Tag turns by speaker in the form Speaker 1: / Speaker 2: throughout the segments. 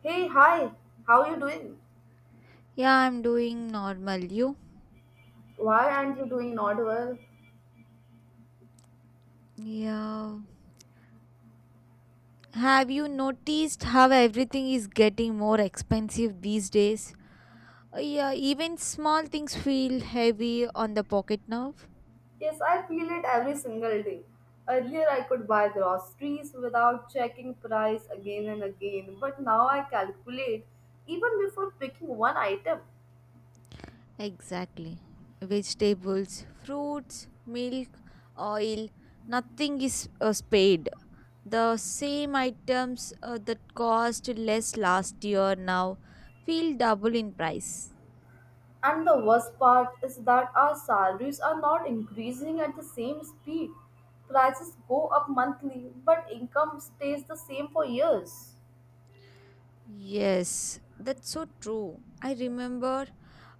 Speaker 1: Hey, hi. How you doing?
Speaker 2: Yeah, I'm doing normal. You?
Speaker 1: Why aren't you doing not well?
Speaker 2: Yeah. Have you noticed how everything is getting more expensive these days? Yeah, even small things feel heavy on the pocket now.
Speaker 1: Yes, I feel it every single day. Earlier I could buy groceries without checking price again and again, but now I calculate even before picking one item.
Speaker 2: Exactly. Vegetables, fruits, milk, oil, nothing is spared. The same items that cost less last year now feel double in price.
Speaker 1: And the worst part is that our salaries are not increasing at the same speed. Prices go up monthly, but income stays the same for years.
Speaker 2: Yes, that's so true. I remember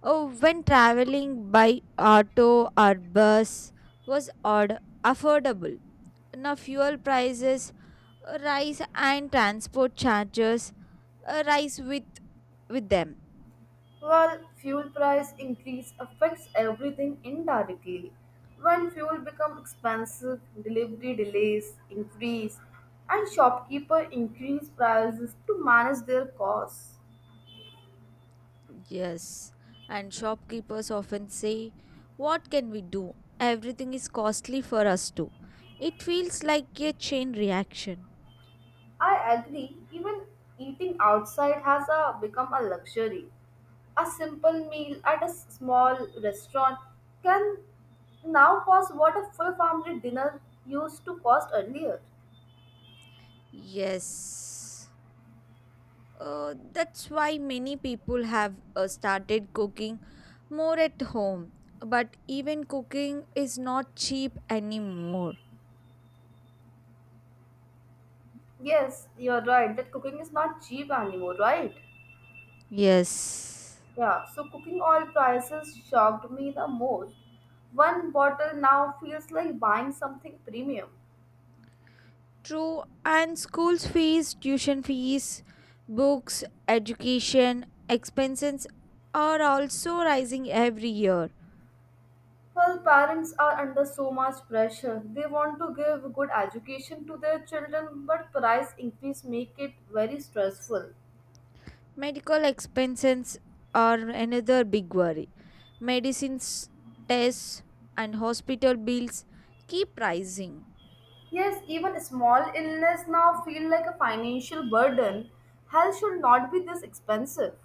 Speaker 2: oh, when traveling by auto or bus was odd, affordable. Now fuel prices rise and transport charges rise with them.
Speaker 1: While fuel price increase affects everything indirectly. When fuel becomes expensive, delivery delays increase, and shopkeepers increase prices to manage their costs.
Speaker 2: Yes, and shopkeepers often say, "What can we do? Everything is costly for us too." It feels like a chain reaction.
Speaker 1: I agree, even eating outside has become a luxury. A simple meal at a small restaurant can now cost what a full family dinner used to cost earlier.
Speaker 2: Yes. That's why many people have started cooking more at home. But even cooking is not cheap anymore.
Speaker 1: Yes, you're right that cooking is not cheap anymore, right?
Speaker 2: Yes.
Speaker 1: Yeah, so cooking oil prices shocked me the most. One bottle now feels like buying something premium.
Speaker 2: True, and schools fees, tuition fees, books, education expenses are also rising every year.
Speaker 1: Well, parents are under so much pressure. They want to give good education to their children, but price increase make it very stressful.
Speaker 2: Medical expenses are another big worry. Medicines, tests, and hospital bills keep rising.
Speaker 1: Yes, even small illness now feel like a financial burden. Health should not be this expensive.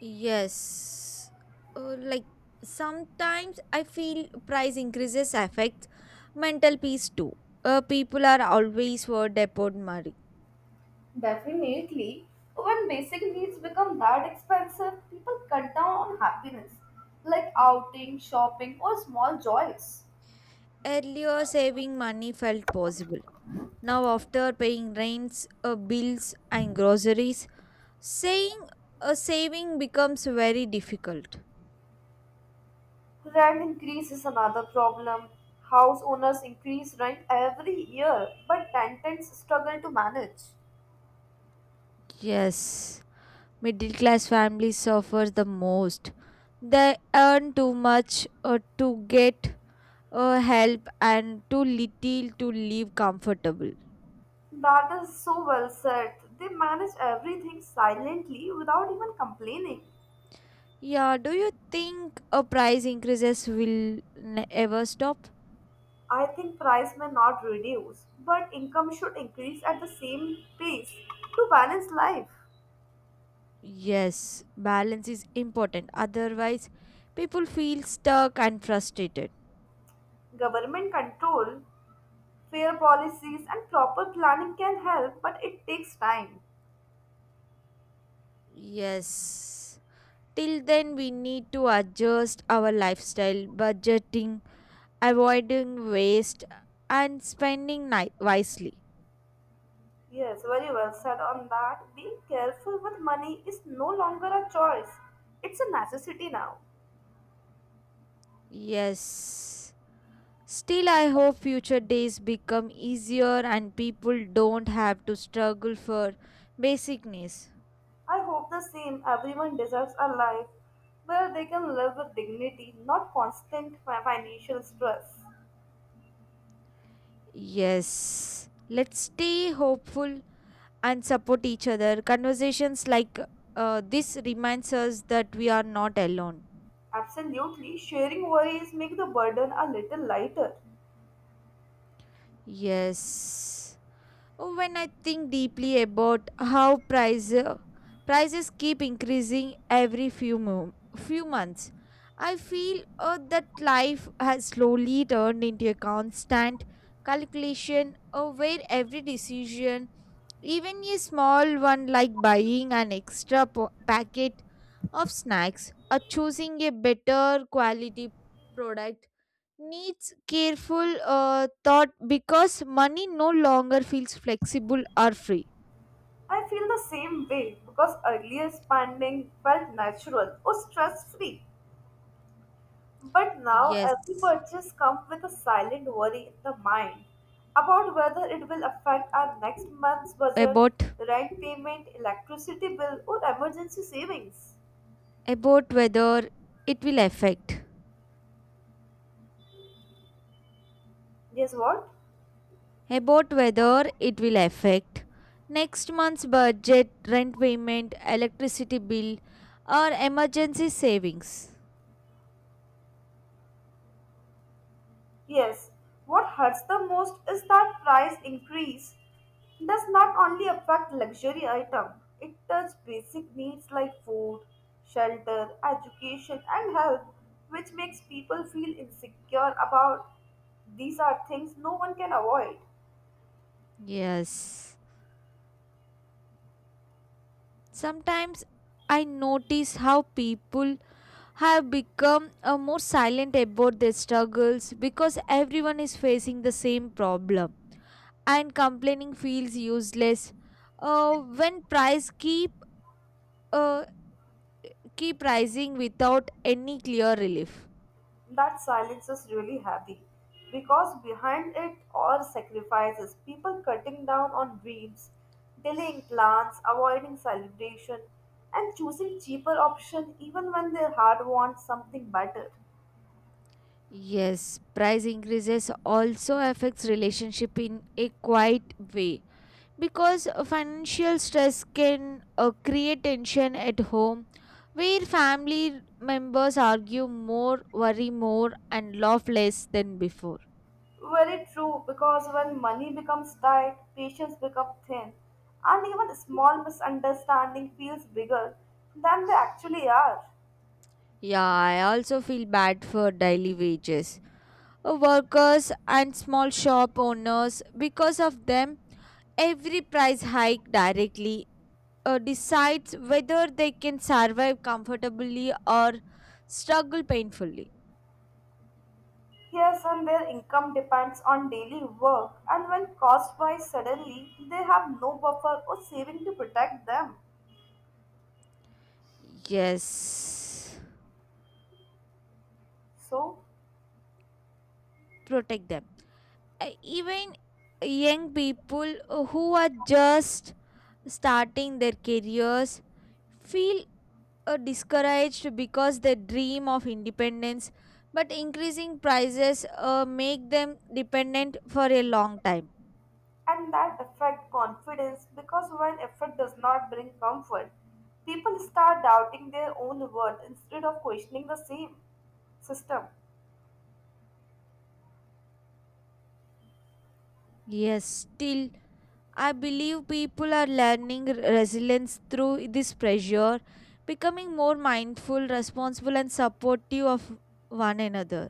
Speaker 2: Yes. Like sometimes I feel price increases affects mental peace too. People are always worried about money.
Speaker 1: Definitely, when basic needs become that expensive, people cut down on happiness, like outing, shopping, or small joys.
Speaker 2: Earlier, saving money felt possible. Now, after paying rents, bills, and groceries, saying a saving becomes very difficult.
Speaker 1: Rent increase is another problem. House owners increase rent every year, but tenants struggle to manage.
Speaker 2: Yes, middle class families suffer the most. They earn too much to get help and too little to live comfortable.
Speaker 1: That is so well said. They manage everything silently without even complaining.
Speaker 2: Yeah, do you think a price increases will ever stop?
Speaker 1: I think price may not reduce, but income should increase at the same pace to balance life.
Speaker 2: Yes, balance is important. Otherwise, people feel stuck and frustrated.
Speaker 1: Government control, fair policies, and proper planning can help, but it takes time.
Speaker 2: Yes. Till then, we need to adjust our lifestyle, budgeting, avoiding waste, and spending wisely.
Speaker 1: Yes, very well said on that. Being careful with money is no longer a choice, it's a necessity now.
Speaker 2: Yes. Still, I hope future days become easier and people don't have to struggle for basic needs.
Speaker 1: I hope the same everyone deserves a life where they can live with dignity, not constant financial stress.
Speaker 2: Yes, let's stay hopeful and support each other. Conversations like this reminds us that we are not alone.
Speaker 1: Absolutely, sharing worries make the burden a little lighter.
Speaker 2: Yes. When I think deeply about how prices keep increasing every few months, I feel that life has slowly turned into a constant calculation where every decision, even a small one like buying an extra packet of snacks or choosing a better quality product, needs careful thought because money no longer feels flexible or free.
Speaker 1: I feel the same way because earlier spending felt natural or stress free. But now every
Speaker 2: Yes,
Speaker 1: purchase comes with a silent worry in the mind about whether it will affect our next month's budget,
Speaker 2: about
Speaker 1: rent payment, electricity bill, or emergency savings.
Speaker 2: about whether it will affect
Speaker 1: Guess what?
Speaker 2: about whether it will affect next month's budget, rent payment, electricity bill, or emergency savings.
Speaker 1: Yes, what hurts the most is that price increase does not only affect luxury item, it touches basic needs like food, shelter, education and health, which makes people feel insecure about these are things no one can avoid.
Speaker 2: Yes, sometimes I notice how people have become more silent about their struggles because everyone is facing the same problem and complaining feels useless when price uh, keep rising without any clear relief.
Speaker 1: That silence is really heavy because behind it are sacrifices, people cutting down on dreams, delaying plans, avoiding celebration, and choosing cheaper option even when their heart wants something better.
Speaker 2: Yes, price increases also affects relationship in a quiet way because financial stress can create tension at home where family members argue more worry more and laugh less than before.
Speaker 1: Very true because when money becomes tight, patience becomes thin, and even a small misunderstanding feels bigger than they actually are.
Speaker 2: Yeah, I also feel bad for daily wages workers and small shop owners because of them every price hike directly decides whether they can survive comfortably or struggle painfully.
Speaker 1: Yes, and their income depends on daily work, and when costs rise suddenly, they have no buffer or saving to protect them.
Speaker 2: Yes,
Speaker 1: So,
Speaker 2: protect them even young people who are just starting their careers feel discouraged because they dream of independence but increasing prices make them dependent for a long time.
Speaker 1: and that affect confidence because when effort does not bring comfort, people start doubting their own worth instead of questioning the same system.
Speaker 2: Yes, still I believe people are learning resilience through this pressure, becoming more mindful responsible and supportive of one another.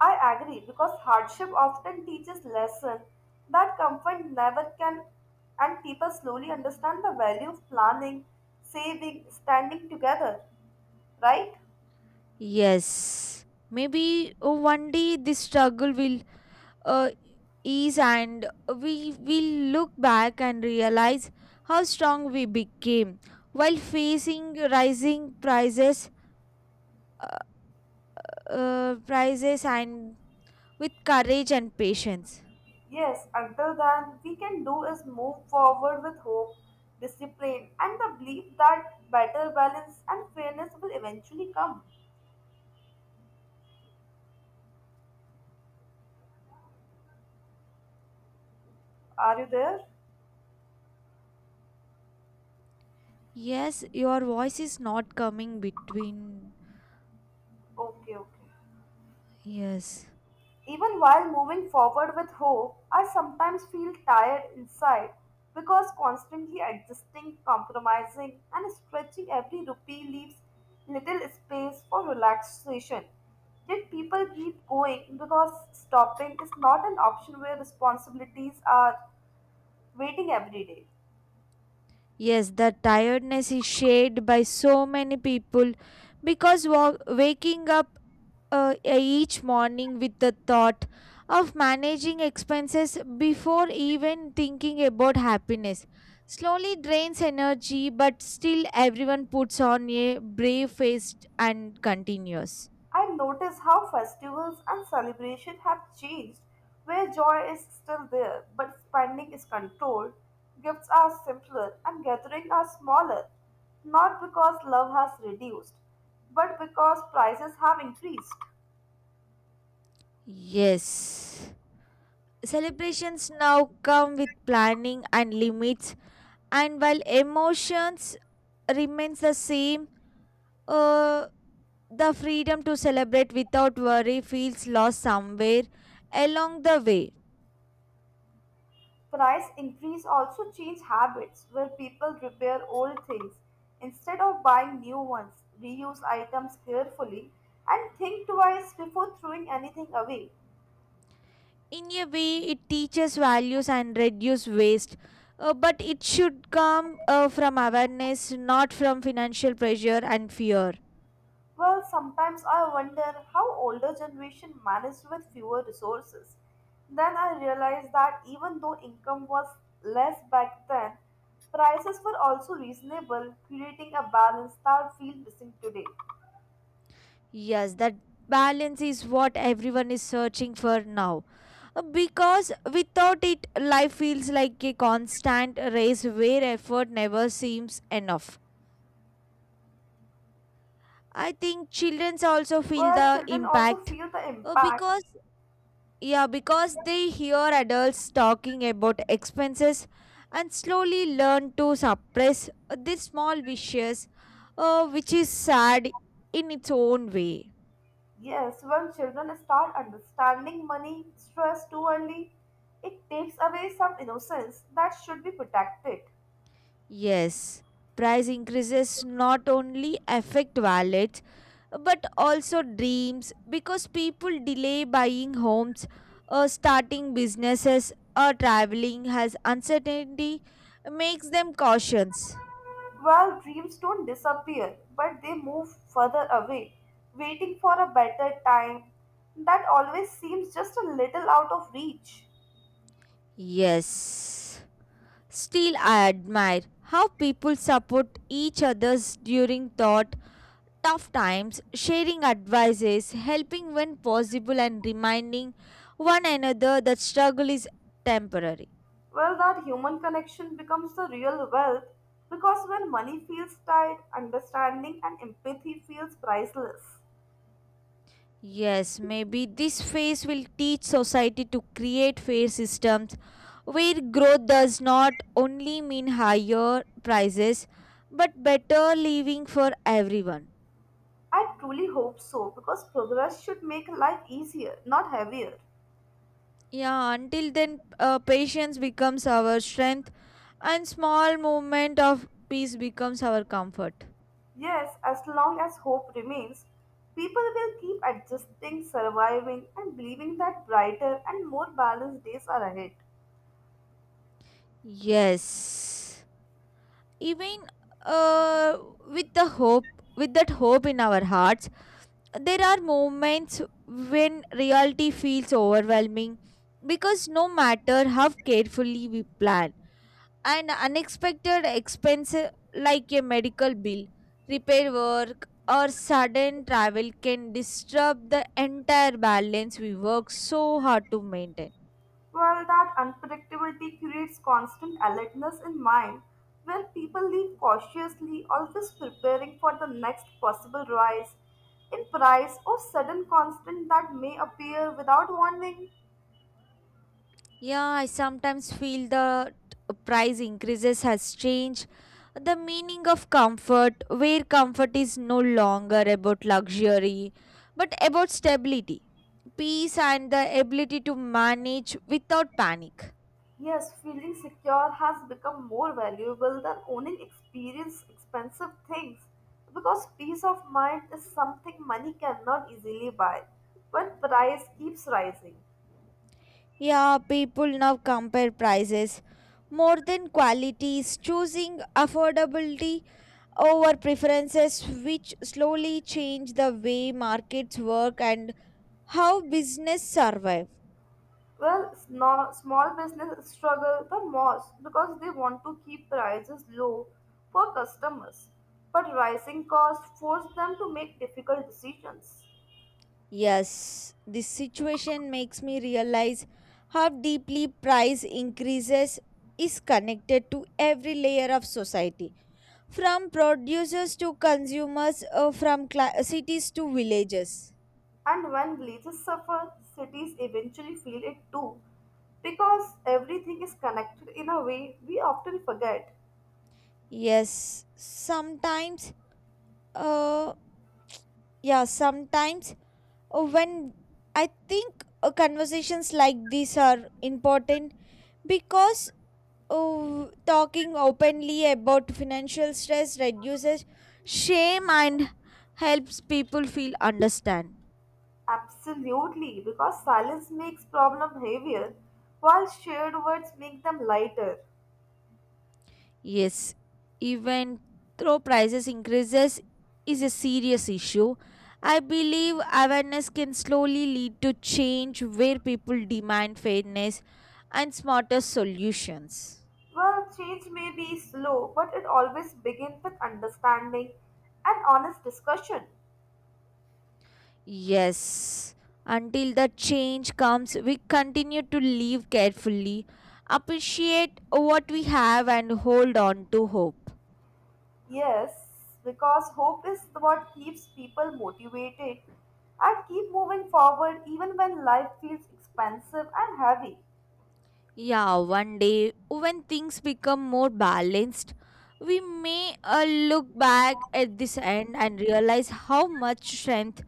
Speaker 1: I agree because hardship often teaches lesson that comfort never can, and people slowly understand the value of planning, saving, standing together. Right?
Speaker 2: Yes, maybe one day this struggle will uh, ease and we will look back and realize how strong we became while facing rising uh, prices and with courage and patience.
Speaker 1: Yes, until then, we can do is move forward with hope, discipline, and the belief that better balance and fairness will eventually come. Are you there?
Speaker 2: Yes, your voice is not coming between.
Speaker 1: Okay, okay.
Speaker 2: Yes.
Speaker 1: Even while moving forward with hope, I sometimes feel tired inside because constantly adjusting, compromising, and stretching every rupee leaves little space for relaxation. Yet people keep going because stopping is not an option where responsibilities are waiting every day.
Speaker 2: Yes, the tiredness is shared by so many people because waking up each morning with the thought of managing expenses before even thinking about happiness. Slowly drains energy, but still everyone puts on a brave face and continues.
Speaker 1: I notice how festivals and celebration have changed, where joy is still there, but spending is controlled, gifts are simpler, and gatherings are smaller. Not because love has reduced, but because prices have increased.
Speaker 2: Yes. Celebrations now come with planning and limits, and while emotions remains the same, uh, the freedom to celebrate without worry feels lost somewhere along the way.
Speaker 1: Price increase also change habits, where people repair old things instead of buying new ones, reuse items carefully, and think twice before throwing anything away.
Speaker 2: In a way it teaches values and reduce waste, but it should come from awareness not from financial pressure and fear.
Speaker 1: Well, sometimes I wonder how older generation managed with fewer resources. Then I realized that even though income was less back then, prices were also reasonable, creating a balance that feels missing today.
Speaker 2: Yes, that balance is what everyone is searching for now. Because without it life feels like a constant race where effort never seems enough. I think children also feel
Speaker 1: Where
Speaker 2: the
Speaker 1: children also
Speaker 2: impact,
Speaker 1: feel the impact.
Speaker 2: because yeah, because they hear adults talking about expenses and slowly learn to suppress these small wishes, which is sad in its own way.
Speaker 1: Yes, when children start understanding money stress too early, it takes away some innocence that should be protected.
Speaker 2: Yes, price increases not only affect wallets but also dreams because people delay buying homes, starting businesses, or traveling as uncertainty makes them cautious.
Speaker 1: Well, dreams don't disappear, but they move further away, waiting for a better time that always seems just a little out of reach.
Speaker 2: Yes. Still, I admire how people support each other during tough times, sharing advices, helping when possible, and reminding one another that struggle is temporary.
Speaker 1: Well, that human connection becomes the real wealth because when money feels tight, understanding and empathy feels priceless.
Speaker 2: Yes, maybe this phase will teach society to create fair systems where growth does not only mean higher prices but better living for everyone.
Speaker 1: I truly hope so because progress should make life easier, not heavier.
Speaker 2: Yeah, until then, patience becomes our strength, and small moment of peace becomes our comfort.
Speaker 1: Yes, as long as hope remains, people will keep adjusting, surviving, and believing that brighter and more balanced days are ahead.
Speaker 2: Yes, even uh, with that hope in our hearts, there are moments when reality feels overwhelming because no matter how carefully we plan, and unexpected expenses like a medical bill, repair work, or sudden travel can disturb the entire balance we work so hard to maintain.
Speaker 1: Well, that unpredictability creates constant alertness in mind, where people live cautiously, always preparing for the next possible rise in price or sudden constant that may appear without warning.
Speaker 2: Yeah, I sometimes feel that price increases has changed the meaning of comfort, where comfort is no longer about luxury but about stability, peace, and the ability to manage without panic.
Speaker 1: Yes, feeling secure has become more valuable than owning experience expensive things because peace of mind is something money cannot easily buy when price keeps rising.
Speaker 2: Yeah, people now compare prices more than qualities, choosing affordability over preferences, which slowly change the way markets work and how business survive.
Speaker 1: Well, small business struggle the most because they want to keep prices low for customers, but rising costs force them to make difficult decisions.
Speaker 2: Yes, this situation makes me realize how deeply price increases is connected to every layer of society, from producers to consumers, from cla cities to villages.
Speaker 1: And when villages suffer, cities eventually feel it too, because everything is connected in a way we often forget.
Speaker 2: Yes, sometimes, uh, yeah, sometimes when I think conversations like these are important because talking openly about financial stress reduces shame and helps people feel understand.
Speaker 1: Absolutely, because silence makes problem heavier, while shared words make them lighter.
Speaker 2: Yes, even though prices increases is a serious issue, I believe awareness can slowly lead to change where people demand fairness and smarter solutions.
Speaker 1: Well, change may be slow, but it always begins with understanding and honest discussion.
Speaker 2: Yes, until the change comes, we continue to live carefully, appreciate what we have and hold on to hope.
Speaker 1: Yes, because hope is what keeps people motivated and keep moving forward even when life feels expensive and heavy.
Speaker 2: Yeah, one day when things become more balanced, we may look back at this end and realize how much strength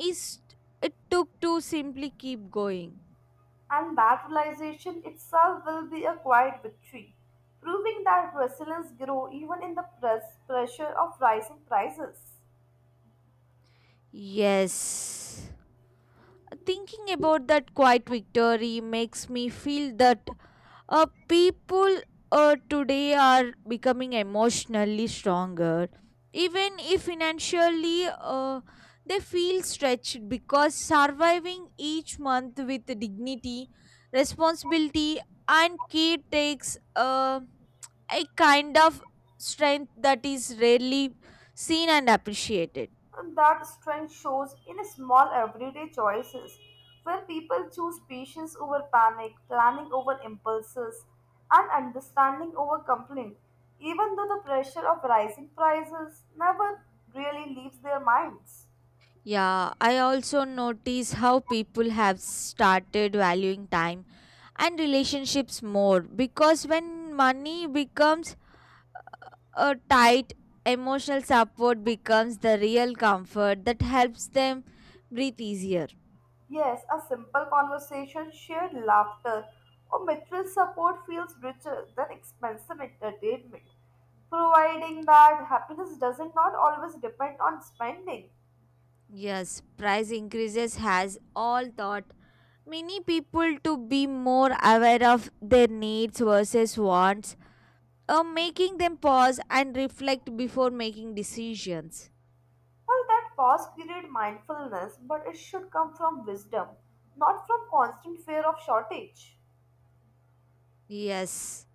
Speaker 2: is it took to simply keep going.
Speaker 1: And that realization itself will be a quiet victory, proving that resilience grows even in the pressure of rising prices.
Speaker 2: Yes. Thinking about that quiet victory makes me feel that people today are becoming emotionally stronger even if financially they feel stretched because surviving each month with dignity, responsibility and care takes a kind of strength that is rarely seen and appreciated.
Speaker 1: And that strength shows in small everyday choices where people choose patience over panic, planning over impulses, and understanding over complaint, even though the pressure of rising prices never really leaves their minds.
Speaker 2: Yeah, I also notice how people have started valuing time and relationships more because when money becomes a tight, emotional support becomes the real comfort that helps them breathe easier.
Speaker 1: Yes, a simple conversation, shared laughter, or mutual support feels richer than expensive entertainment, providing that happiness doesn't not always depend on spending.
Speaker 2: Yes, price increases has all taught many people to be more aware of their needs versus wants, making them pause and reflect before making decisions.
Speaker 1: Well, that pause created mindfulness, but it should come from wisdom, not from constant fear of shortage.
Speaker 2: Yes.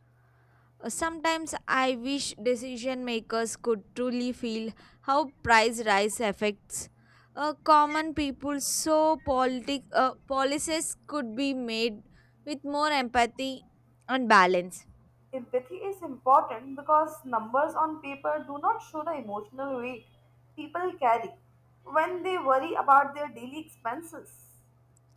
Speaker 2: Sometimes I wish decision makers could truly feel how price rise affects common people so policies could be made with more empathy and balance.
Speaker 1: Empathy is important because numbers on paper do not show the emotional weight people carry when they worry about their daily expenses.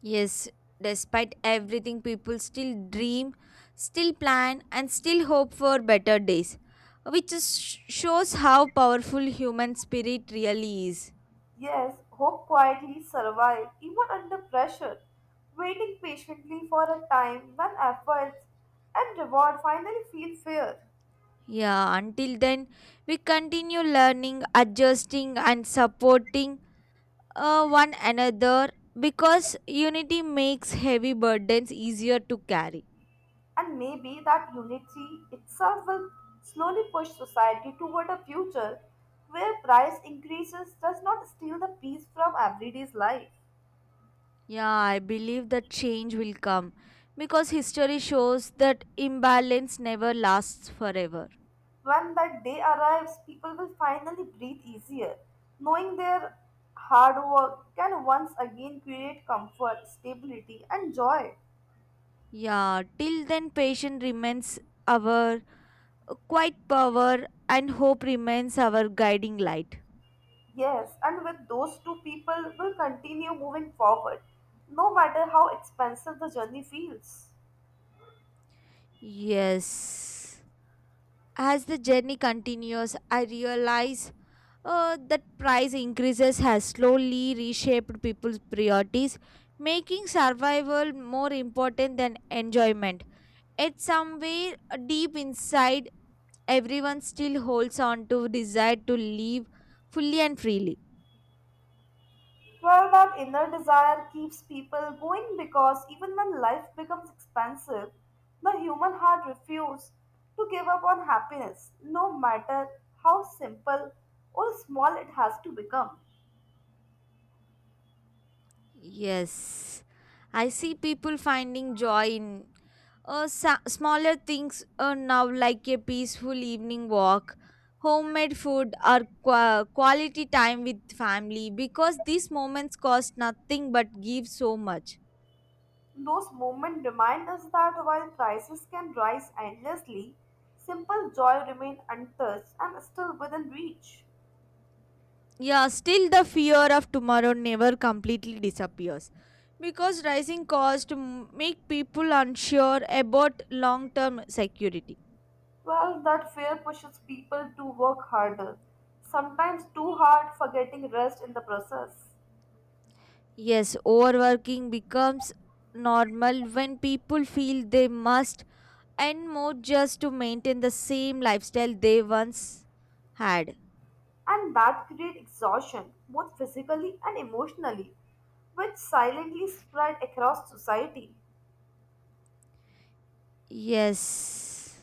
Speaker 2: Yes, despite everything, people still dream, still plan, and still hope for better days, which shows how powerful human spirit really is.
Speaker 1: Yes, hope quietly survives even under pressure, waiting patiently for a time when efforts and reward finally feel fair.
Speaker 2: Yeah, until then, we continue learning, adjusting, and supporting one another because unity makes heavy burdens easier to carry.
Speaker 1: And maybe that unity itself will slowly push society toward a future where price increases does not steal the peace from everyday's life.
Speaker 2: Yeah, I believe that change will come because history shows that imbalance never lasts forever.
Speaker 1: When that day arrives, people will finally breathe easier, knowing their hard work can once again create comfort, stability, and joy.
Speaker 2: Yeah, till then, patience remains our quiet power and hope remains our guiding light.
Speaker 1: Yes, and with those two people will continue moving forward, no matter how expensive the journey feels.
Speaker 2: Yes. As the journey continues, I realize that price increases has slowly reshaped people's priorities, making survival more important than enjoyment. Yet somewhere deep inside, everyone still holds on to desire to live fully and freely.
Speaker 1: Well, that inner desire keeps people going because even when life becomes expensive, the human heart refuses to give up on happiness, no matter how simple or small it has to become.
Speaker 2: Yes, I see people finding joy in smaller things now, like a peaceful evening walk, homemade food, or quality time with family, because these moments cost nothing but give so much.
Speaker 1: Those moments remind us that while prices can rise endlessly, simple joy remains untouched and still within reach.
Speaker 2: Yeah, still the fear of tomorrow never completely disappears because rising costs make people unsure about long term security.
Speaker 1: Well, that fear pushes people to work harder, sometimes too hard, forgetting rest in the process.
Speaker 2: Yes, overworking becomes normal when people feel they must and more just to maintain the same lifestyle they once had.
Speaker 1: And that create exhaustion both physically and emotionally, which silently spread across society.
Speaker 2: Yes.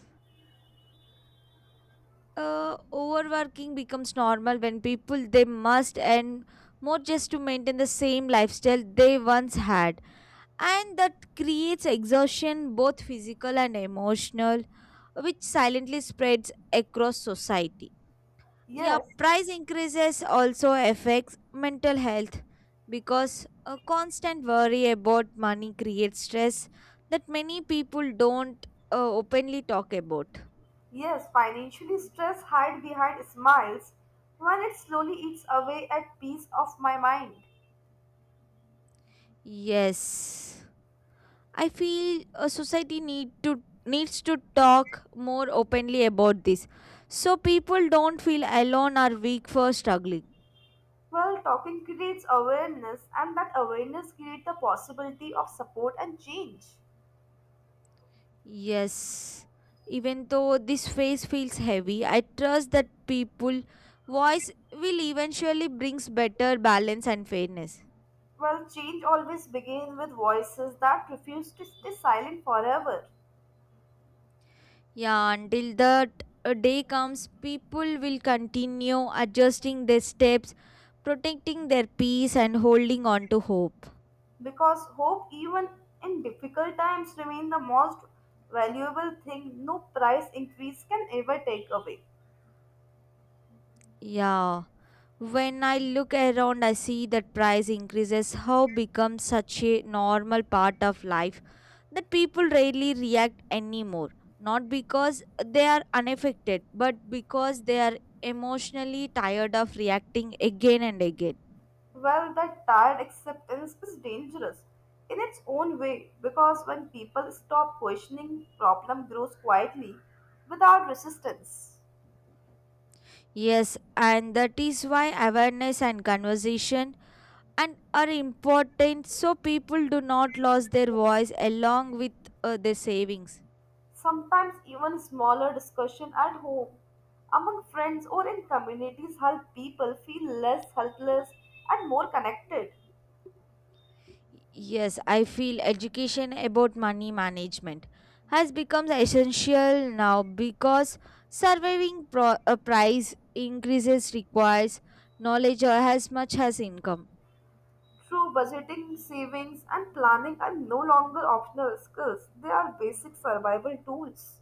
Speaker 2: Overworking becomes normal when people they must and more just to maintain the same lifestyle they once had, and that creates exhaustion both physical and emotional, which silently spreads across society. Yeah,
Speaker 1: Yes.
Speaker 2: price increases also affects mental health because a constant worry about money creates stress that many people don't openly talk about.
Speaker 1: Yes, financially stress hide behind smiles when it slowly eats away at peace of my mind.
Speaker 2: Yes, I feel a society needs to talk more openly about this so people don't feel alone or weak for struggling.
Speaker 1: Well, talking creates awareness, and that awareness creates the possibility of support and change.
Speaker 2: Yes, even though this phase feels heavy, I trust that people voice will eventually brings better balance and fairness.
Speaker 1: Well, change always begins with voices that refuse to stay silent forever,
Speaker 2: Yeah, until that day comes, people will continue adjusting their steps, protecting their peace and holding on to hope.
Speaker 1: because hope even in difficult times remains the most valuable thing no price increase can ever take away.
Speaker 2: Yeah, when I look around, I see that price increases how becomes such a normal part of life that people rarely react anymore, not because they are unaffected but because they are emotionally tired of reacting again and again.
Speaker 1: Well, that tired acceptance is dangerous in its own way because when people stop questioning problem grows quietly without resistance.
Speaker 2: Yes, and that is why awareness and conversation and are important so people do not lose their voice along with their savings.
Speaker 1: Sometimes even smaller discussion at home, among friends, or in communities help people feel less helpless and more connected.
Speaker 2: Yes, I feel education about money management has become essential now because surviving a price increases requires knowledge or as much as income.
Speaker 1: True budgeting, savings, and planning are no longer optional skills, they are basic survival tools.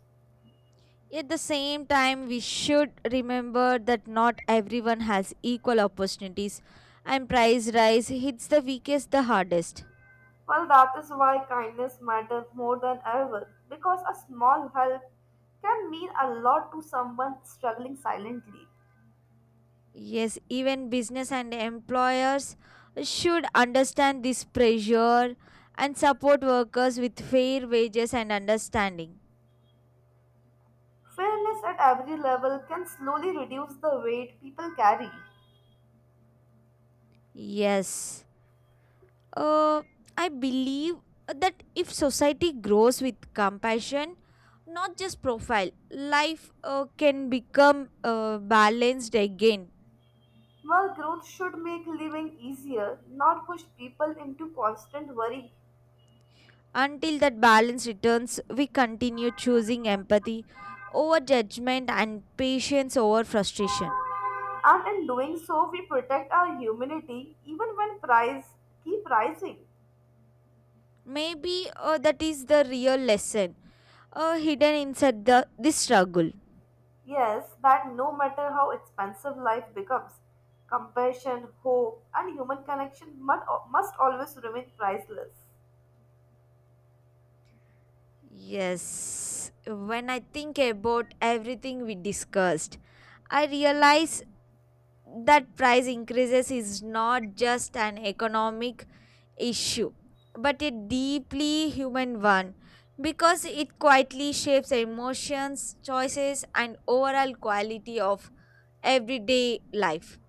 Speaker 2: At the same time, we should remember that not everyone has equal opportunities and price rise hits the weakest the hardest.
Speaker 1: Well, that is why kindness matters more than ever because a small help can mean a lot to someone struggling silently.
Speaker 2: Yes, even business and employers should understand this pressure and support workers with fair wages and understanding.
Speaker 1: Fairness at every level can slowly reduce the weight people carry.
Speaker 2: Yes. Uh, I believe that if society grows with compassion, not just profile, life can become balanced again.
Speaker 1: Well, growth should make living easier, not push people into constant worry.
Speaker 2: Until that balance returns, we continue choosing empathy over judgment and patience over frustration.
Speaker 1: And in doing so we protect our humanity even when price keep rising.
Speaker 2: Maybe that is the real lesson hidden inside the this struggle.
Speaker 1: Yes, that no matter how expensive life becomes, compassion, hope, and human connection must always remain priceless.
Speaker 2: Yes, when I think about everything we discussed, I realize that price increases is not just an economic issue, but a deeply human one because it quietly shapes emotions, choices, and overall quality of everyday life.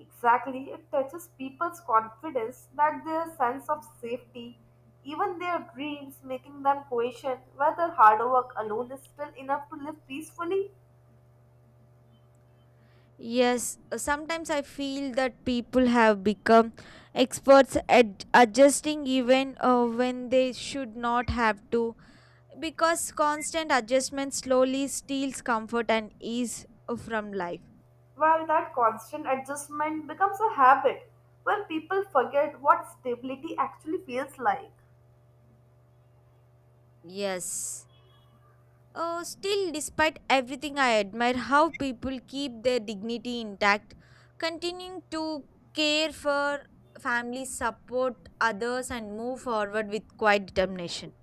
Speaker 1: Exactly, it touches people's confidence, that their sense of safety, even their dreams, making them question whether hard work alone is still enough to live peacefully.
Speaker 2: Yes, sometimes I feel that people have become experts at adjusting even when they should not have to because constant adjustment slowly steals comfort and ease from life.
Speaker 1: Well, that constant adjustment becomes a habit where people forget what stability actually feels like.
Speaker 2: Yes. Oh, still, despite everything, I admire how people keep their dignity intact, continuing to care for families, support others, and move forward with quiet determination.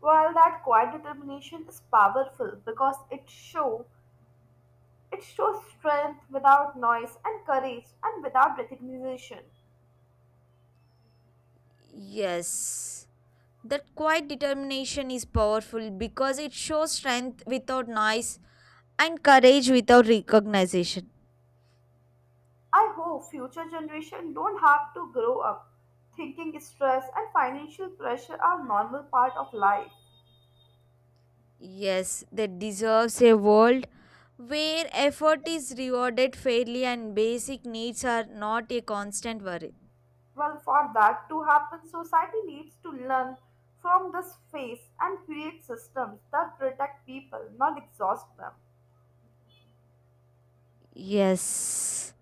Speaker 1: While that quiet determination is powerful because it shows strength without noise and courage and without recognition.
Speaker 2: Yes. That quiet determination is powerful because it shows strength without noise and courage without recognition.
Speaker 1: I hope future generation don't have to grow up thinking stress and financial pressure are normal part of life.
Speaker 2: Yes, that deserves a world where effort is rewarded fairly and basic needs are not a constant worry.
Speaker 1: Well, for that to happen, society needs to learn from this phase and create systems that protect people, not exhaust them.
Speaker 2: Yes.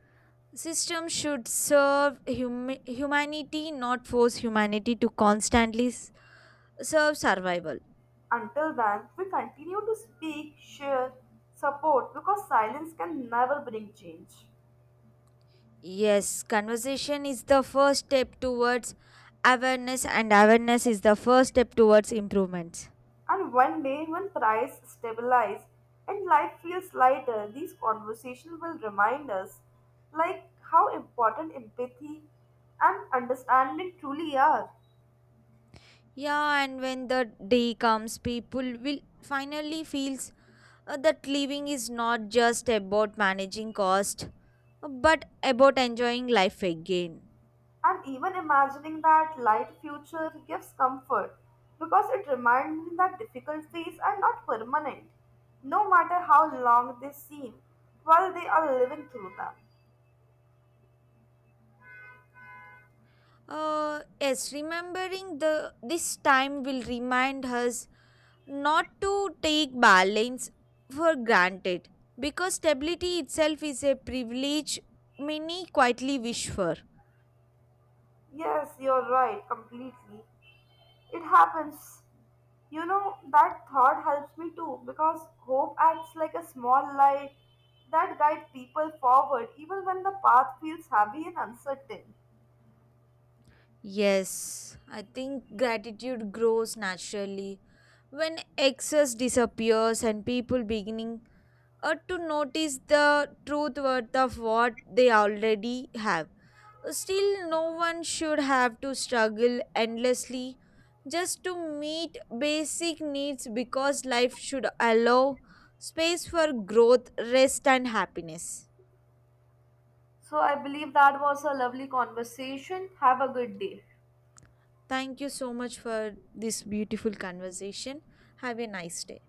Speaker 2: System should serve humanity, not force humanity to constantly serve survival.
Speaker 1: Until then, we continue to speak, share, support because silence can never bring change.
Speaker 2: Yes, conversation is the first step towards awareness, and awareness is the first step towards improvements.
Speaker 1: And one day, when price stabilize and life feels lighter, these conversations will remind us like how important empathy and understanding truly are.
Speaker 2: Yeah, and when the day comes, people will finally feels that living is not just about managing cost, but about enjoying life again.
Speaker 1: And even imagining that light future gives comfort because it reminds me that difficulties are not permanent, no matter how long they seem, while they are living through them.
Speaker 2: Yes, remembering the this time will remind us not to take balance for granted because stability itself is a privilege many quietly wish for.
Speaker 1: Yes, you're right, completely. It happens. You know, that thought helps me too because hope acts like a small light that guides people forward even when the path feels heavy and uncertain.
Speaker 2: Yes, I think gratitude grows naturally when excess disappears and people beginning to notice the truth worth of what they already have. Still, no one should have to struggle endlessly just to meet basic needs because life should allow space for growth, rest, and happiness.
Speaker 1: So I believe that was a lovely conversation. Have a good day.
Speaker 2: Thank you so much for this beautiful conversation. Have a nice day.